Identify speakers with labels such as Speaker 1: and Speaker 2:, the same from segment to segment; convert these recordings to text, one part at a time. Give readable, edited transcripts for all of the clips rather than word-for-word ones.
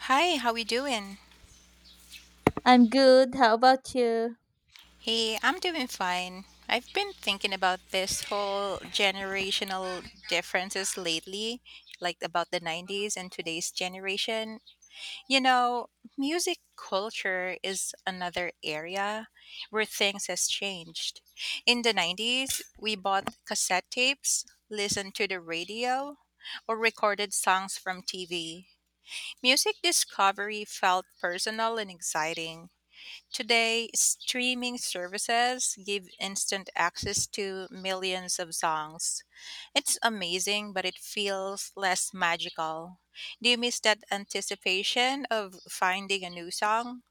Speaker 1: Hi, how we doing?
Speaker 2: I'm good. How about you?
Speaker 1: Hey, I'm doing fine. I've been thinking about this whole generational differences lately, like about the 90s and today's generation. You know, music culture is another area where things has changed. In the 90s, we bought cassette tapes, listened to the radio, or recorded songs from TV. Music discovery felt personal and exciting. Today, streaming services give instant access to millions of songs. It's amazing, but it feels less magical. Do you miss that anticipation of finding a new song?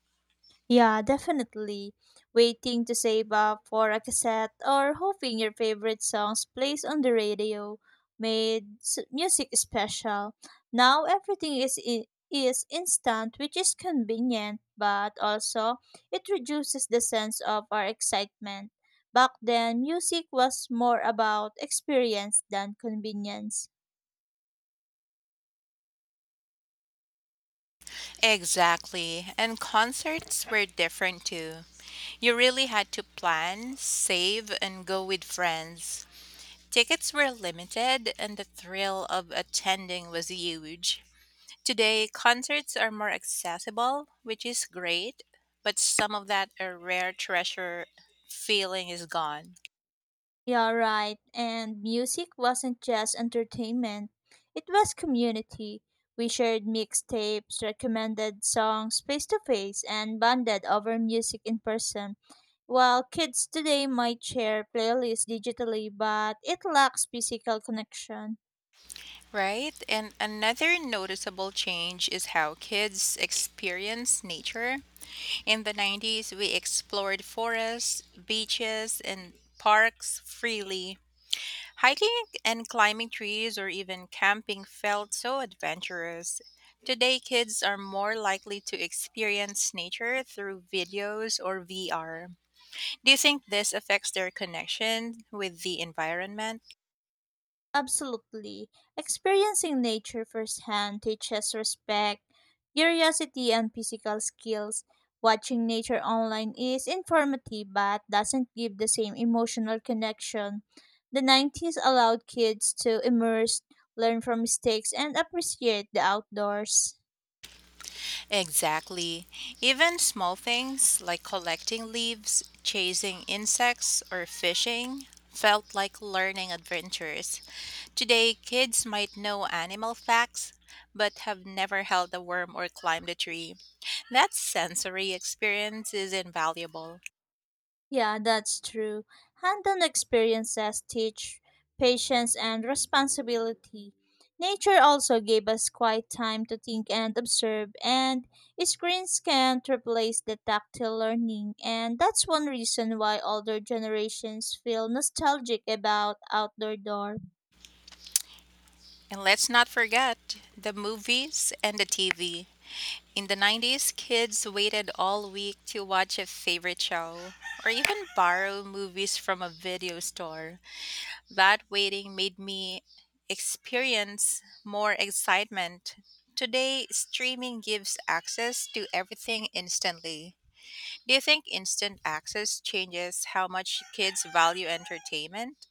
Speaker 2: Yeah, definitely. Waiting to save up for a cassette or hoping your favorite songs plays on the radio made music special. Now everything is is instant, which is convenient, but also it reduces the sense of our excitement. Back then, music was more about experience than convenience.
Speaker 1: Exactly. And concerts were different too. You really had to plan, save, and go with friends. Tickets were limited, and the thrill of attending was huge. Today, concerts are more accessible, which is great, but some of that a rare treasure feeling is gone.
Speaker 2: You're right, and music wasn't just entertainment, it was community. We shared mixtapes, recommended songs face to face, and bonded over music in person. While kids today might share playlists digitally, but it lacks physical connection.
Speaker 1: Right? And another noticeable change is how kids experience nature. In the 90s, we explored forests, beaches, and parks freely. Hiking and climbing trees or even camping felt so adventurous. Today, kids are more likely to experience nature through videos or VR. Do you think this affects their connection with the environment?
Speaker 2: Absolutely. Experiencing nature firsthand teaches respect, curiosity, and physical skills. Watching nature online is informative but doesn't give the same emotional connection. The 90s allowed kids to immerse, learn from mistakes, and appreciate the outdoors.
Speaker 1: Exactly. Even small things like collecting leaves, chasing insects, or fishing felt like learning adventures. Today, kids might know animal facts, but have never held a worm or climbed a tree. That sensory experience is invaluable.
Speaker 2: Yeah, that's true. Hand on experiences teach patience and responsibility. Nature also gave us quiet time to think and observe, and screens can't replace the tactile learning. And that's one reason why older generations feel nostalgic about outdoor door.
Speaker 1: And let's not forget the movies and the TV. In the 90s, kids waited all week to watch a favorite show or even borrow movies from a video store. That waiting made me experience more excitement. Today, streaming gives access to everything instantly. Do you think instant access changes how much kids value entertainment?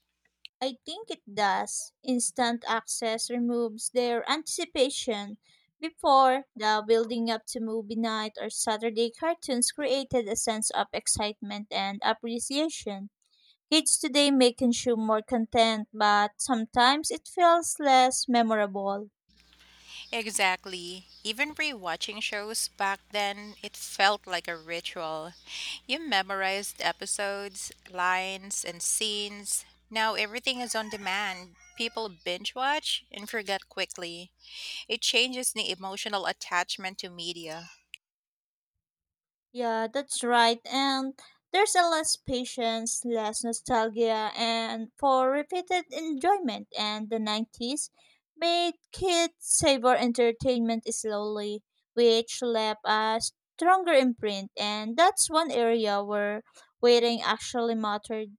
Speaker 2: I think it does. Instant access removes their anticipation. Before, the building up to movie night or Saturday cartoons created a sense of excitement and appreciation. Kids today may consume more content, but sometimes it feels less memorable.
Speaker 1: Exactly. Even rewatching shows back then, it felt like a ritual. You memorized episodes, lines, and scenes. Now everything is on demand. People binge watch and forget quickly. It changes the emotional attachment to media.
Speaker 2: Yeah, that's right. And there's a less patience, less nostalgia, and for repeated enjoyment. And the 90s made kids savor entertainment slowly, which left a stronger imprint. And that's one area where waiting actually mattered.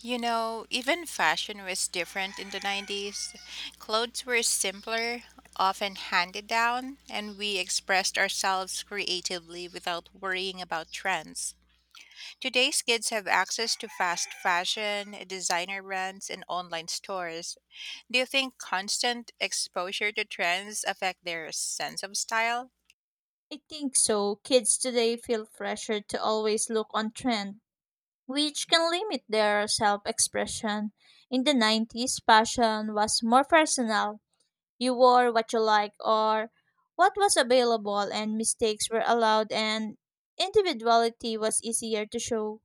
Speaker 1: You know, even fashion was different in the 90s. Clothes were simpler, often handed down, and we expressed ourselves creatively without worrying about trends. Today's kids have access to fast fashion, designer brands, and online stores. Do you think constant exposure to trends affect their sense of style?
Speaker 2: I think so. Kids today feel pressure to always look on trend, which can limit their self expression. In the 90s, passion was more personal. You wore what you liked or what was available, and mistakes were allowed, and individuality was easier to show.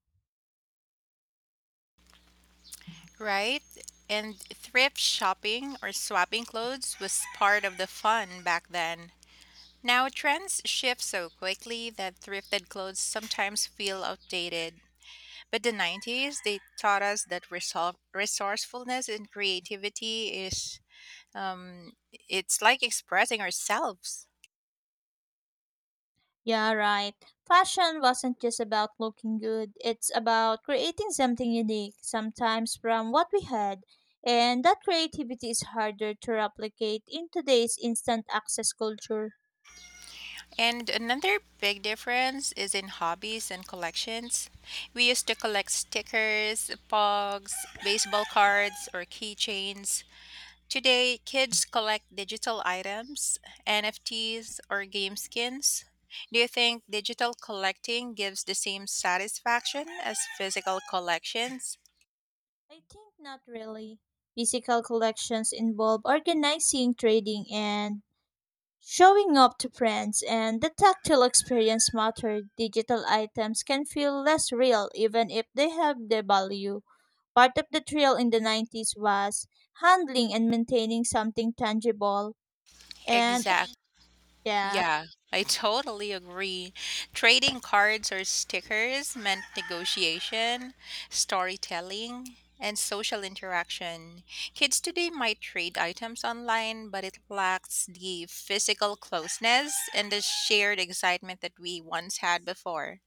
Speaker 1: Right? And thrift shopping or swapping clothes was part of the fun back then. Now trends shift so quickly that thrifted clothes sometimes feel outdated. But the 90s, they taught us that resourcefulness and creativity is Um, it's like expressing ourselves.
Speaker 2: Yeah, right. Fashion wasn't just about looking good, it's about creating something unique, sometimes from what we had. And that creativity is harder to replicate in today's instant access culture.
Speaker 1: And another big difference is in hobbies and collections. We used to collect stickers, pogs, baseball cards, or keychains. Today, kids collect digital items, NFTs, or game skins. Do you think digital collecting gives the same satisfaction as physical collections?
Speaker 2: I think not really. Physical collections involve organizing, trading, and showing up to friends, and the tactile experience matter. Digital items can feel less real even if they have their value. Part of the thrill in the 90s was handling and maintaining something tangible. And
Speaker 1: Exactly.
Speaker 2: yeah,
Speaker 1: Yeah, I totally agree. Trading cards or stickers meant negotiation, storytelling, and social interaction. Kids today might trade items online, but it lacks the physical closeness and the shared excitement that we once had before.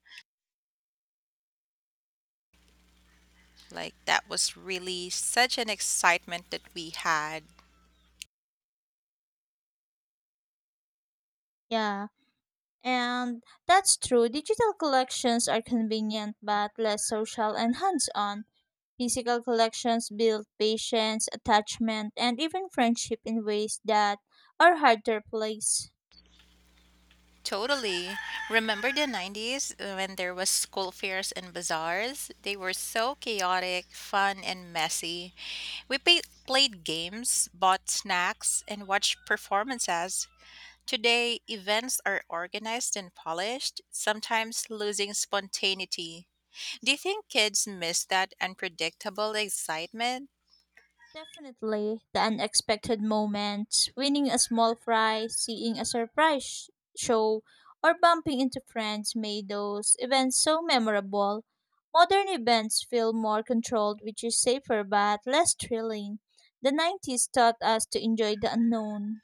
Speaker 1: Like, that was really such an excitement that we had.
Speaker 2: yeah. And that's true. Digital collections are convenient but less social and hands on. Physical collections build patience, attachment, and even friendship in ways that are hard to replace.
Speaker 1: Totally. Remember the 90s when there was school fairs and bazaars? They were so chaotic, fun, and messy. We played games, bought snacks, and watched performances. Today, events are organized and polished, sometimes losing spontaneity. Do you think kids miss that unpredictable excitement?
Speaker 2: Definitely the unexpected moments, winning a small prize, seeing a show, or bumping into friends made those events so memorable. Modern events feel more controlled, which is safer but less thrilling. The 90s taught us to enjoy the unknown.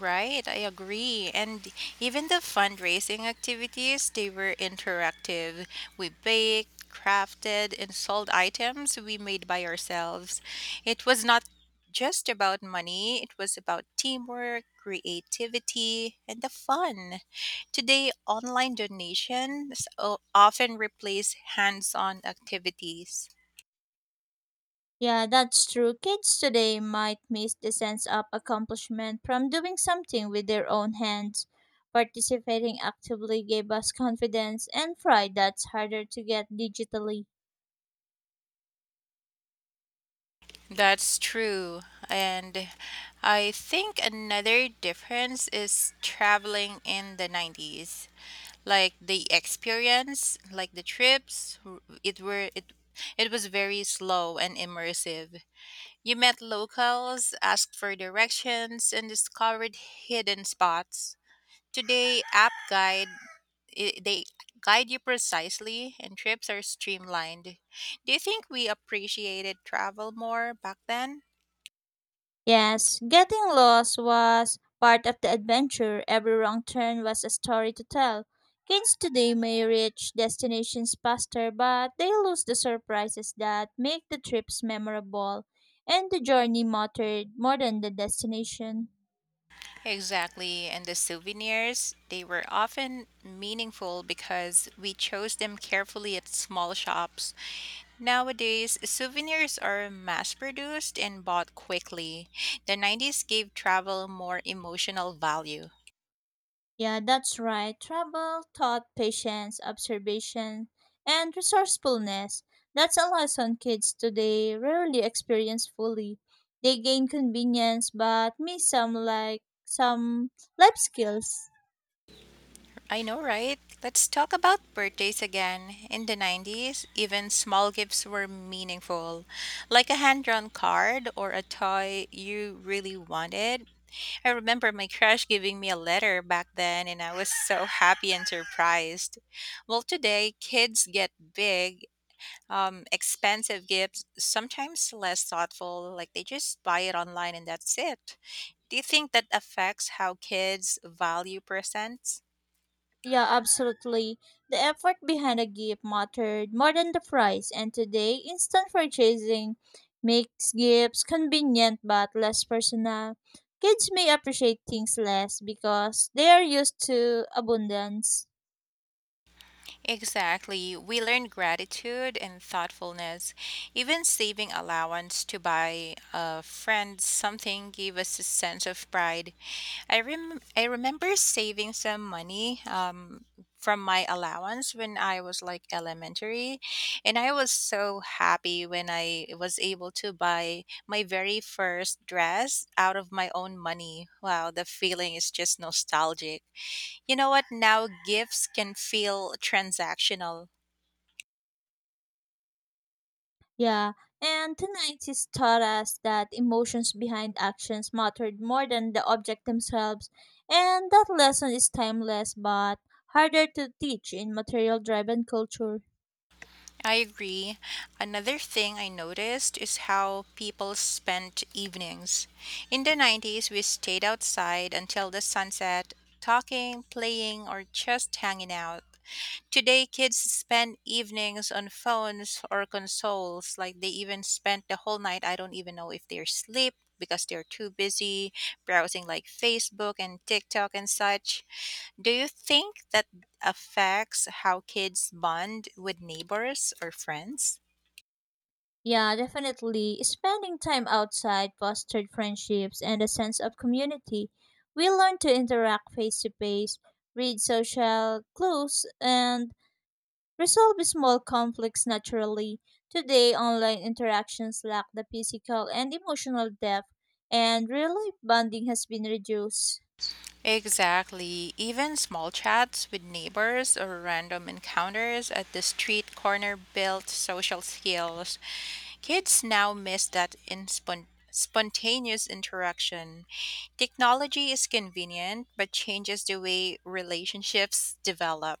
Speaker 1: Right, I agree. And even the fundraising activities, they were interactive. We baked, crafted, and sold items we made by ourselves. It was not just about money, it was about teamwork, creativity, and the fun. Today, online donations often replace hands on activities.
Speaker 2: Yeah, that's true. Kids today might miss the sense of accomplishment from doing something with their own hands. Participating actively gave us confidence and pride that's harder to get digitally.
Speaker 1: That's true. And I think another difference is traveling in the 90s. Like the experience, like the trips, w- it were it it was very slow and immersive. You met locals, asked for directions, and discovered hidden spots. Today, app guide I- they guide you precisely and trips are streamlined. Do you think we appreciated travel more back then?
Speaker 2: Yes, getting lost was part of the adventure. Every wrong turn was a story to tell. Kids today may reach destinations faster, but they lose the surprises that make the trips memorable, and the journey mattered more than the destination.
Speaker 1: Exactly, and the souvenirs, they were often meaningful because we chose them carefully at small shops. Nowadays, souvenirs are mass produced and bought quickly. The 90s gave travel more emotional value.
Speaker 2: Yeah, that's right. Trouble taught patience, observation, and resourcefulness. That's a lesson kids today rarely experience fully. They gain convenience but miss some life skills.
Speaker 1: I know, right? Let's talk about birthdays again. In the 90s, even small gifts were meaningful, like a hand drawn card or a toy you really wanted. I remember my crush giving me a letter back then, and I was so happy and surprised. Well, today, kids get big, expensive gifts, sometimes less thoughtful, like they just buy it online and that's it. Do you think that affects how kids value presents?
Speaker 2: Yeah, absolutely. The effort behind a gift mattered more than the price, and today, instant purchasing makes gifts convenient but less personal. Kids may appreciate things less because they are used to abundance.
Speaker 1: Exactly. We learn gratitude and thoughtfulness. Even saving allowance to buy a friend something gave us a sense of pride. I remember saving some money from my allowance when I was like elementary. And I was so happy when I was able to buy my very first dress out of my own money. Wow, the feeling is just nostalgic. You know what? Now gifts can feel transactional.
Speaker 2: Yeah, and tonight is taught us that emotions behind actions mattered more than the object themselves, and that lesson is timeless but harder to teach in material driven culture.
Speaker 1: I agree. Another thing I noticed is how people spent evenings. In the 90s, we stayed outside until the sunset, talking, playing, or just hanging out. Today, kids spend evenings on phones or consoles. Like they even spent the whole night. I don't even know if they're asleep because they're too busy browsing like Facebook and TikTok and such. Do you think that affects how kids bond with neighbors or friends?
Speaker 2: Yeah, definitely. Spending time outside fostered friendships and a sense of community. We learned to interact face to face, read social clues, and resolve small conflicts naturally. Today, online interactions lack the physical and emotional depth, and real life bonding has been reduced.
Speaker 1: Exactly. Even small chats with neighbors or random encounters at the street corner build social skills. Kids now miss that in spontaneous interaction. Technology is convenient but changes the way relationships develop.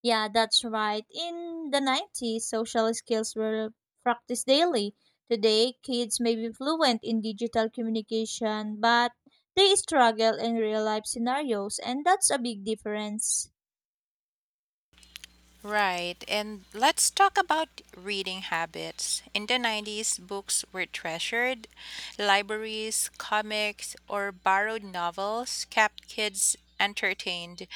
Speaker 2: Yeah, that's right. In the 90s, social skills were practiced daily. Today, kids may be fluent in digital communication, but they struggle in real life scenarios, and that's a big difference.
Speaker 1: Right, and let's talk about reading habits. In the 90s, books were treasured. Libraries, comics, or borrowed novels kept kids entertained.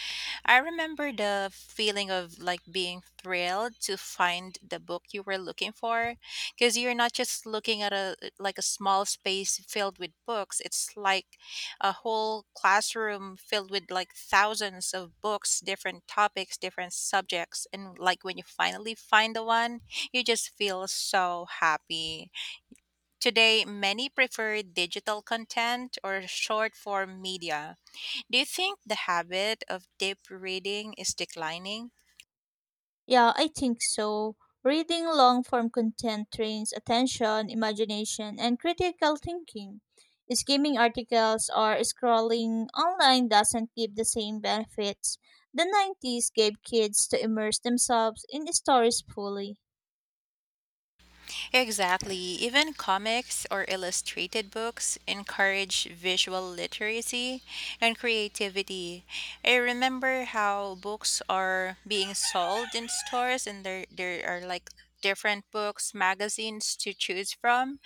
Speaker 1: I remember the feeling of like being thrilled to find the book you were looking for because you're not just looking at a like a small space filled with books. It's like a whole classroom filled with like thousands of books, different topics, different subjects, and like when you finally find the one, you just feel so happy. Today, many prefer digital content or short form media. Do you think the habit of deep reading is declining?
Speaker 2: Yeah, I think so. Reading long form content trains attention, imagination, and critical thinking. Skimming articles or scrolling online doesn't give the same benefits. The 90s gave kids to immerse themselves in stories fully.
Speaker 1: Exactly. Even comics or illustrated books encourage visual literacy and creativity. I remember how books are being sold in stores and there are like different books, magazines to choose from.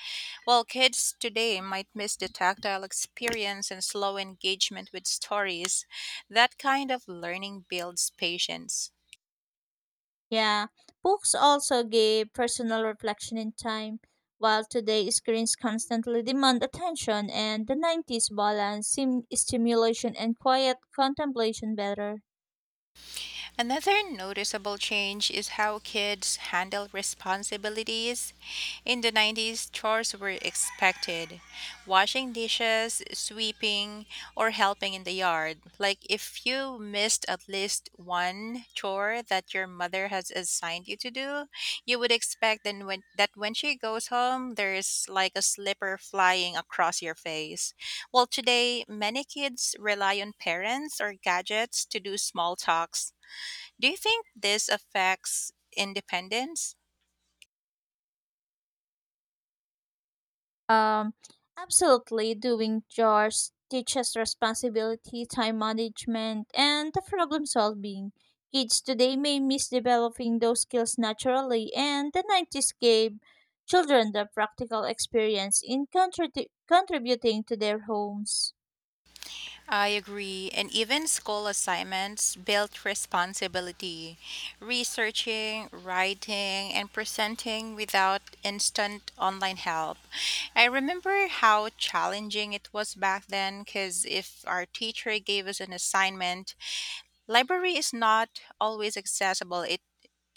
Speaker 1: While kids today might miss the tactile experience and slow engagement with stories, that kind of learning builds patience.
Speaker 2: Yeah, books also gave personal reflection and time, while today screens constantly demand attention, and the 90s balance seemed stimulation and quiet contemplation better.
Speaker 1: Another noticeable change is how kids handle responsibilities. In the 90s, chores were expected, washing dishes, sweeping, or helping in the yard. Like if you missed at least one chore that your mother has assigned you to do, you would expect then when, that when she goes home, there's like a slipper flying across your face. Well, today, many kids rely on parents or gadgets to do small talks. Do you think this affects independence?
Speaker 2: Um, Absolutely, doing chores teaches responsibility, time management, and the problem solving. Kids today may miss developing those skills naturally, and the 90s gave children the practical experience in contributing to their homes.
Speaker 1: I agree. And even school assignments built responsibility, researching, writing, and presenting without instant online help. I remember how challenging it was back then because if our teacher gave us an assignment, library is not always accessible.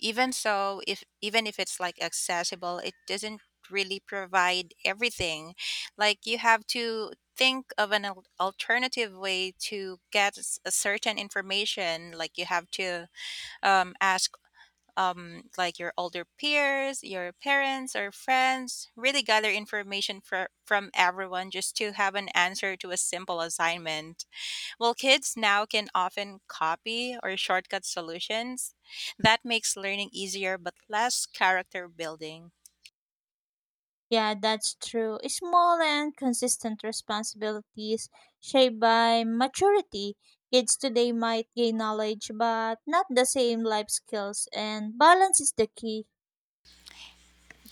Speaker 1: Even so, if even if it's like accessible, it doesn't really provide everything. Like you have to think of an alternative way to get a certain information. Like you have to ask like your older peers, your parents or friends, really gather information from everyone just to have an answer to a simple assignment. Well, kids now can often copy or shortcut solutions. That makes learning easier but less character building.
Speaker 2: Yeah, that's true. Small and consistent responsibilities shaped by maturity. Kids today might gain knowledge, but not the same life skills, and balance is the key.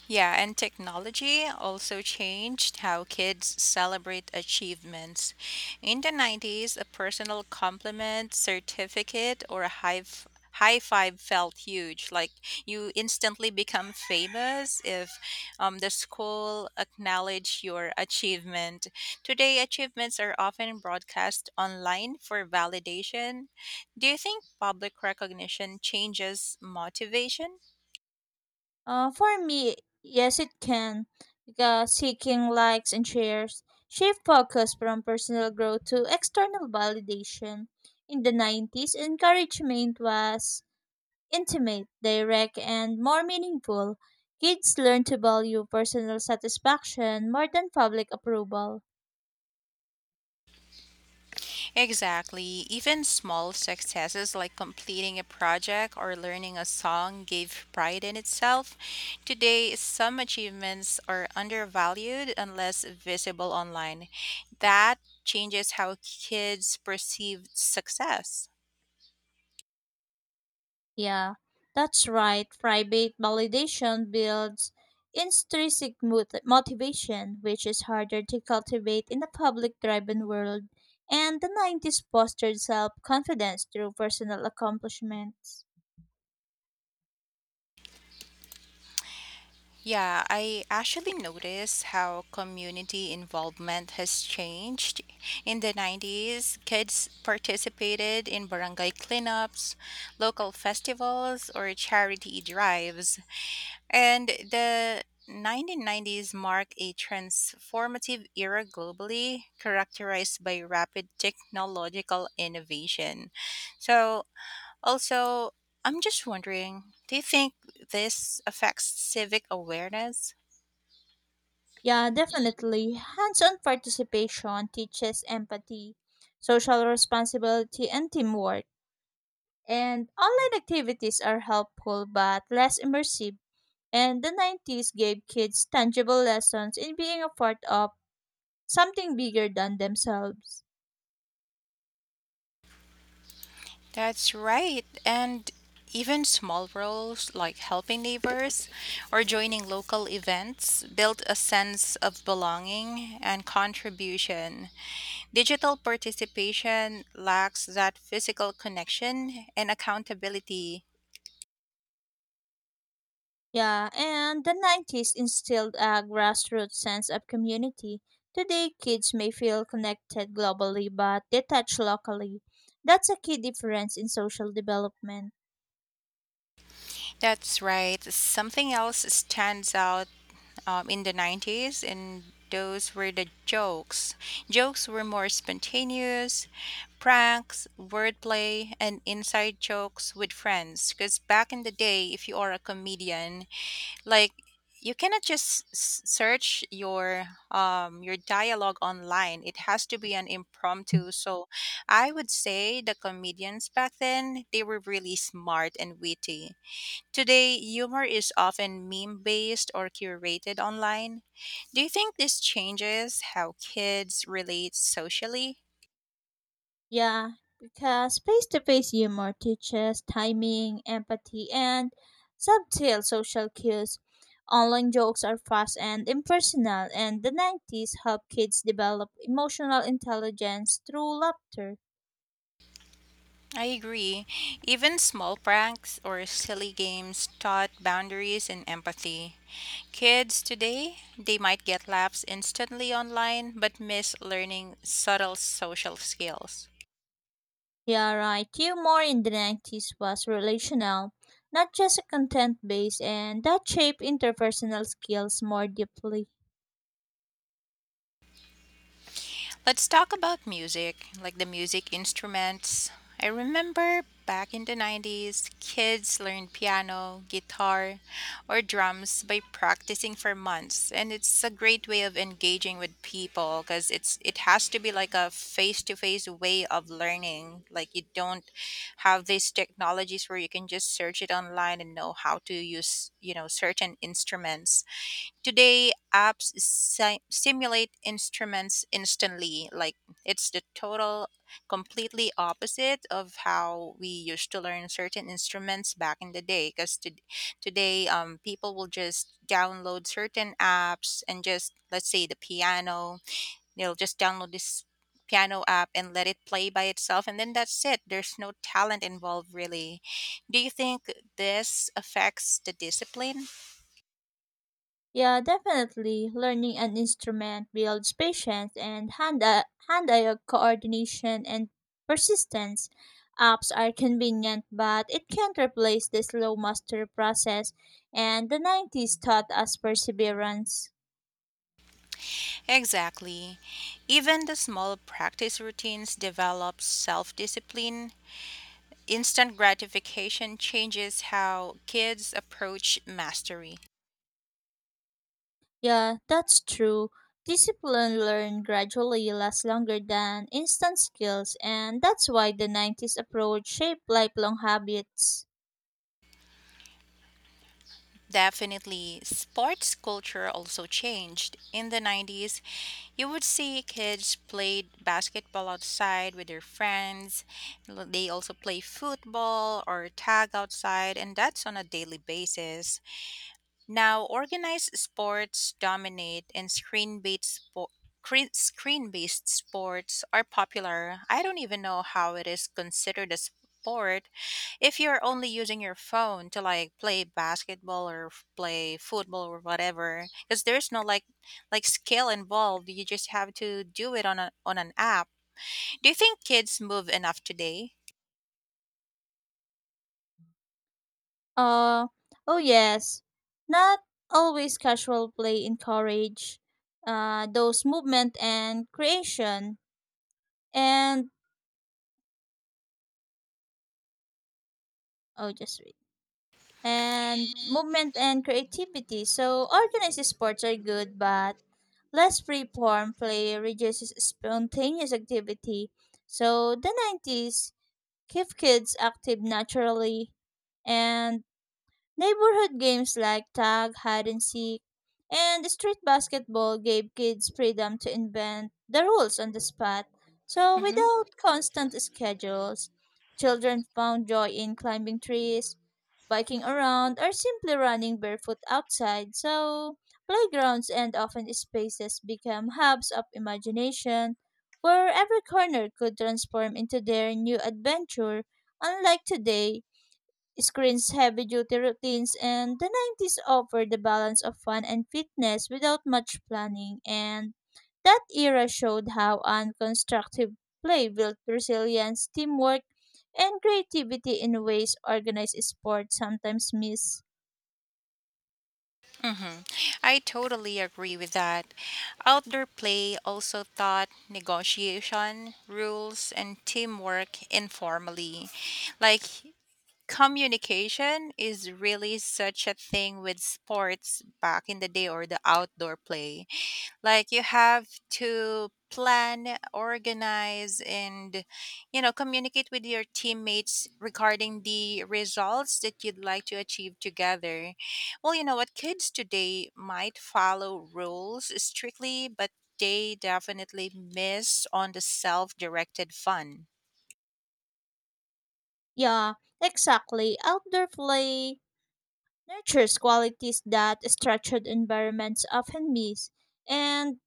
Speaker 1: Yeah, and technology also changed how kids celebrate achievements. In the 90s, a personal compliment, certificate, or a high five felt huge. Like you instantly become famous if the school acknowledged your achievement. Today, achievements are often broadcast online for validation. Do you think public recognition changes motivation?
Speaker 2: For me, yes, it can, because seeking likes and shares shift focus from personal growth to external validation. In the 90s, encouragement was intimate, direct, and more meaningful. Kids learn to value personal satisfaction more than public approval.
Speaker 1: Exactly. Even small successes like completing a project or learning a song gave pride in itself. Today, some achievements are undervalued unless visible online. That changes how kids perceive success.
Speaker 2: Yeah, that's right. Private validation builds intrinsic motivation, which is harder to cultivate in a public driven world. And the 90s fostered self confidence through personal accomplishments.
Speaker 1: Yeah, I actually noticed how community involvement has changed. In the 90s, kids participated in barangay cleanups, local festivals, or charity drives. And the 1990s mark a transformative era globally characterized by rapid technological innovation. So, also, I'm just wondering, do you think this affects civic awareness?
Speaker 2: Yeah, definitely. Hands on participation teaches empathy, social responsibility, and teamwork. And online activities are helpful but less immersive. And the 90s gave kids tangible lessons in being a part of something bigger than themselves.
Speaker 1: That's right. And even small roles like helping neighbors or joining local events build a sense of belonging and contribution. Digital participation lacks that physical connection and accountability.
Speaker 2: Yeah, and the 90s instilled a grassroots sense of community. Today, kids may feel connected globally but detached locally. That's a key difference in social development.
Speaker 1: That's right. Something else stands out in the 90s, and those were the jokes. Jokes were more spontaneous, pranks, wordplay, and inside jokes with friends. Because back in the day, if you are a comedian, like you cannot just search your dialogue online. It has to be an impromptu. So I would say the comedians back then, they were really smart and witty. Today, humor is often meme based or curated online. Do you think this changes how kids relate socially?
Speaker 2: Yeah, because face to face humor teaches timing, empathy, and subtle social cues. Online jokes are fast and impersonal, and the 90s help kids develop emotional intelligence through laughter.
Speaker 1: I agree. Even small pranks or silly games taught boundaries and empathy. Kids today, they might get laughs instantly online but miss learning subtle social skills.
Speaker 2: Yeah, right. Humor in the 90s was relational, not just a content based, and that shaped interpersonal skills more deeply.
Speaker 1: Let's talk about music, like the music instruments. I remember back in the 90s, kids learned piano, guitar, or drums by practicing for months, and it's a great way of engaging with people because it has to be like a face-to-face way of learning. Like you don't have these technologies where you can just search it online and know how to use, you know, certain instruments. Today, simulate instruments instantly. Like it's the total, completely opposite of how we used to learn certain instruments back in the day. People will just download certain apps and just, let's say, the piano, they'll just download this piano app and let it play by itself, and then that's it. There's no talent involved, really. Do you think this affects the discipline?
Speaker 2: Yeah, definitely. Learning an instrument builds patience and hand-eye coordination and persistence. Apps are convenient, but it can't replace the slow master process. And the 90s taught us perseverance.
Speaker 1: Exactly. Even the small practice routines develop self discipline. Instant gratification changes how kids approach mastery.
Speaker 2: Yeah, that's true. Discipline learned gradually lasts longer than instant skills, and that's why the 90s approach shaped lifelong habits.
Speaker 1: Definitely, sports culture also changed. In the 90s, you would see kids played basketball outside with their friends. They also play football or tag outside, and that's on a daily basis. Now, organized sports dominate, and screen-based sports are popular. I don't even know how it is considered a sport if you're only using your phone to like play basketball or play football or whatever. Because there's no like skill involved. You just have to do it on a on an app. Do you think kids move enough today?
Speaker 2: Uh, oh yes. Not always casual play encourage those movement and creation and oh just read and movement and creativity. So organized sports are good, but less free-form play reduces spontaneous activity. So the 90s keep kids active naturally, and neighborhood games like tag, hide and seek, and street basketball gave kids freedom to invent the rules on the spot. So,
Speaker 1: Mm-hmm.
Speaker 2: without constant schedules, children found joy in climbing trees, biking around, or simply running barefoot outside. So, playgrounds and often spaces became hubs of imagination where every corner could transform into their new adventure, unlike today screens, heavy duty routines, and the 90s offered the balance of fun and fitness without much planning. And that era showed how unconstructive play built resilience, teamwork, and creativity in ways organized sports sometimes miss.
Speaker 1: hmm I totally agree with that. Outdoor play also taught negotiation, rules, and teamwork informally. Like, communication is really such a thing with sports back in the day or the outdoor play. Like you have to plan, organize, and communicate with your teammates regarding the results that you'd like to achieve together. Kids today might follow rules strictly, but they definitely miss on the self-directed fun.
Speaker 2: Yeah, exactly. Outdoor play nurtures qualities that structured environments often miss. And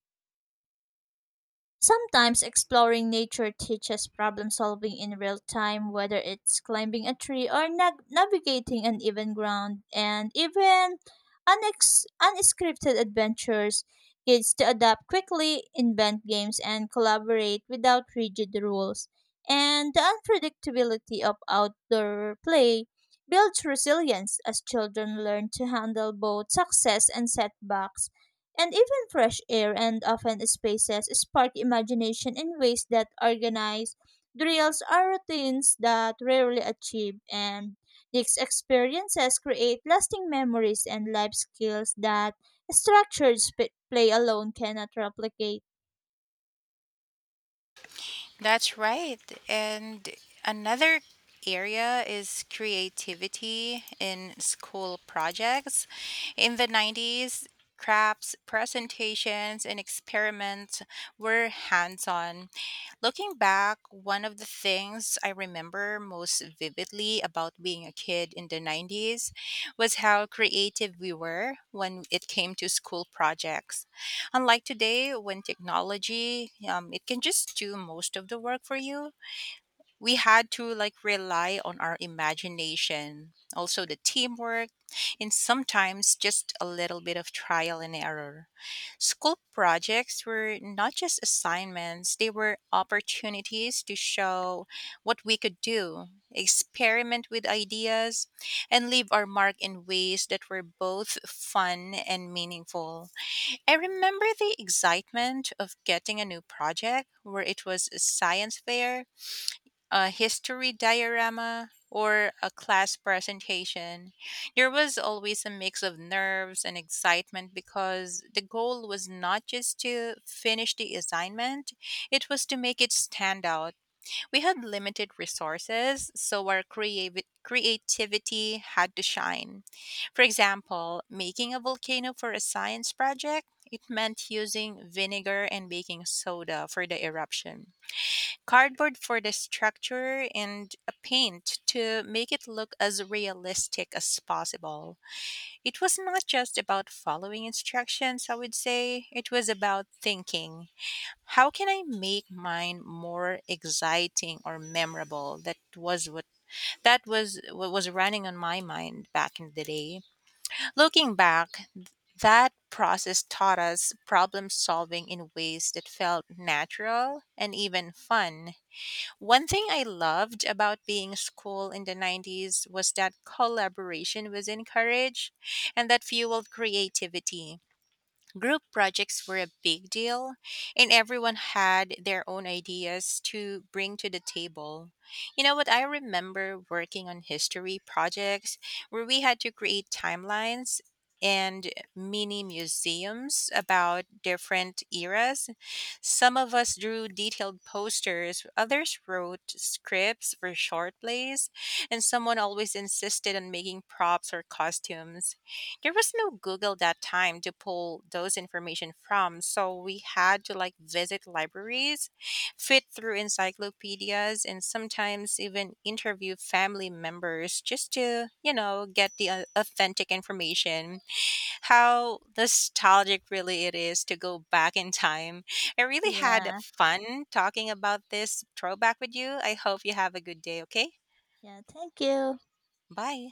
Speaker 2: sometimes exploring nature teaches problem solving in real time, whether it's climbing a tree or navigating uneven ground, and even unscripted adventures. Kids to adapt quickly, invent games, and collaborate without rigid rules. And the unpredictability of outdoor play builds resilience as children learn to handle both success and setbacks. And even fresh air and often spaces spark imagination in ways that organized drills are routines that rarely achieve, and these experiences create lasting memories and life skills that play alone cannot replicate.
Speaker 1: That's right. And another area is creativity in school projects. In the 90s, crafts, presentations, and experiments were hands on. Looking back, one of the things I remember most vividly about being a kid in the 90s was how creative we were when it came to school projects. Unlike today, when technology, it can just do most of the work for you, we had to like rely on our imagination, also the teamwork, and sometimes just a little bit of trial and error. School projects were not just assignments, they were opportunities to show what we could do, experiment with ideas, and leave our mark in ways that were both fun and meaningful. I remember the excitement of getting a new project. Where it was a science fair, a history diorama, or a class presentation, there was always a mix of nerves and excitement because the goal was not just to finish the assignment, it was to make it stand out. We had limited resources, so our creativity had to shine. For example, making a volcano for a science project, it meant using vinegar and baking soda for the eruption, cardboard for the structure, and a paint to make it look as realistic as possible. It was not just about following instructions, I would say. It was about thinking, how can I make mine more exciting or memorable? That was what was running on my mind back in the day. Looking back, that process taught us problem solving in ways that felt natural and even fun. One thing I loved about being school in the 90s was that collaboration was encouraged and that fueled creativity. Group projects were a big deal, and everyone had their own ideas to bring to the table. You know what? I remember working on history projects where we had to create timelines and mini museums about different eras. Some of us drew detailed posters, others wrote scripts for short plays, and someone always insisted on making props or costumes. There was no Google that time to pull those information from, so we had to like visit libraries, fit through encyclopedias, and sometimes even interview family members just to, you know, get the authentic information. How nostalgic really it is to go back in time. I really had
Speaker 2: Yeah.
Speaker 1: fun talking about this throwback with you. I hope you have a good day, okay?
Speaker 2: Yeah, thank you.
Speaker 1: Bye.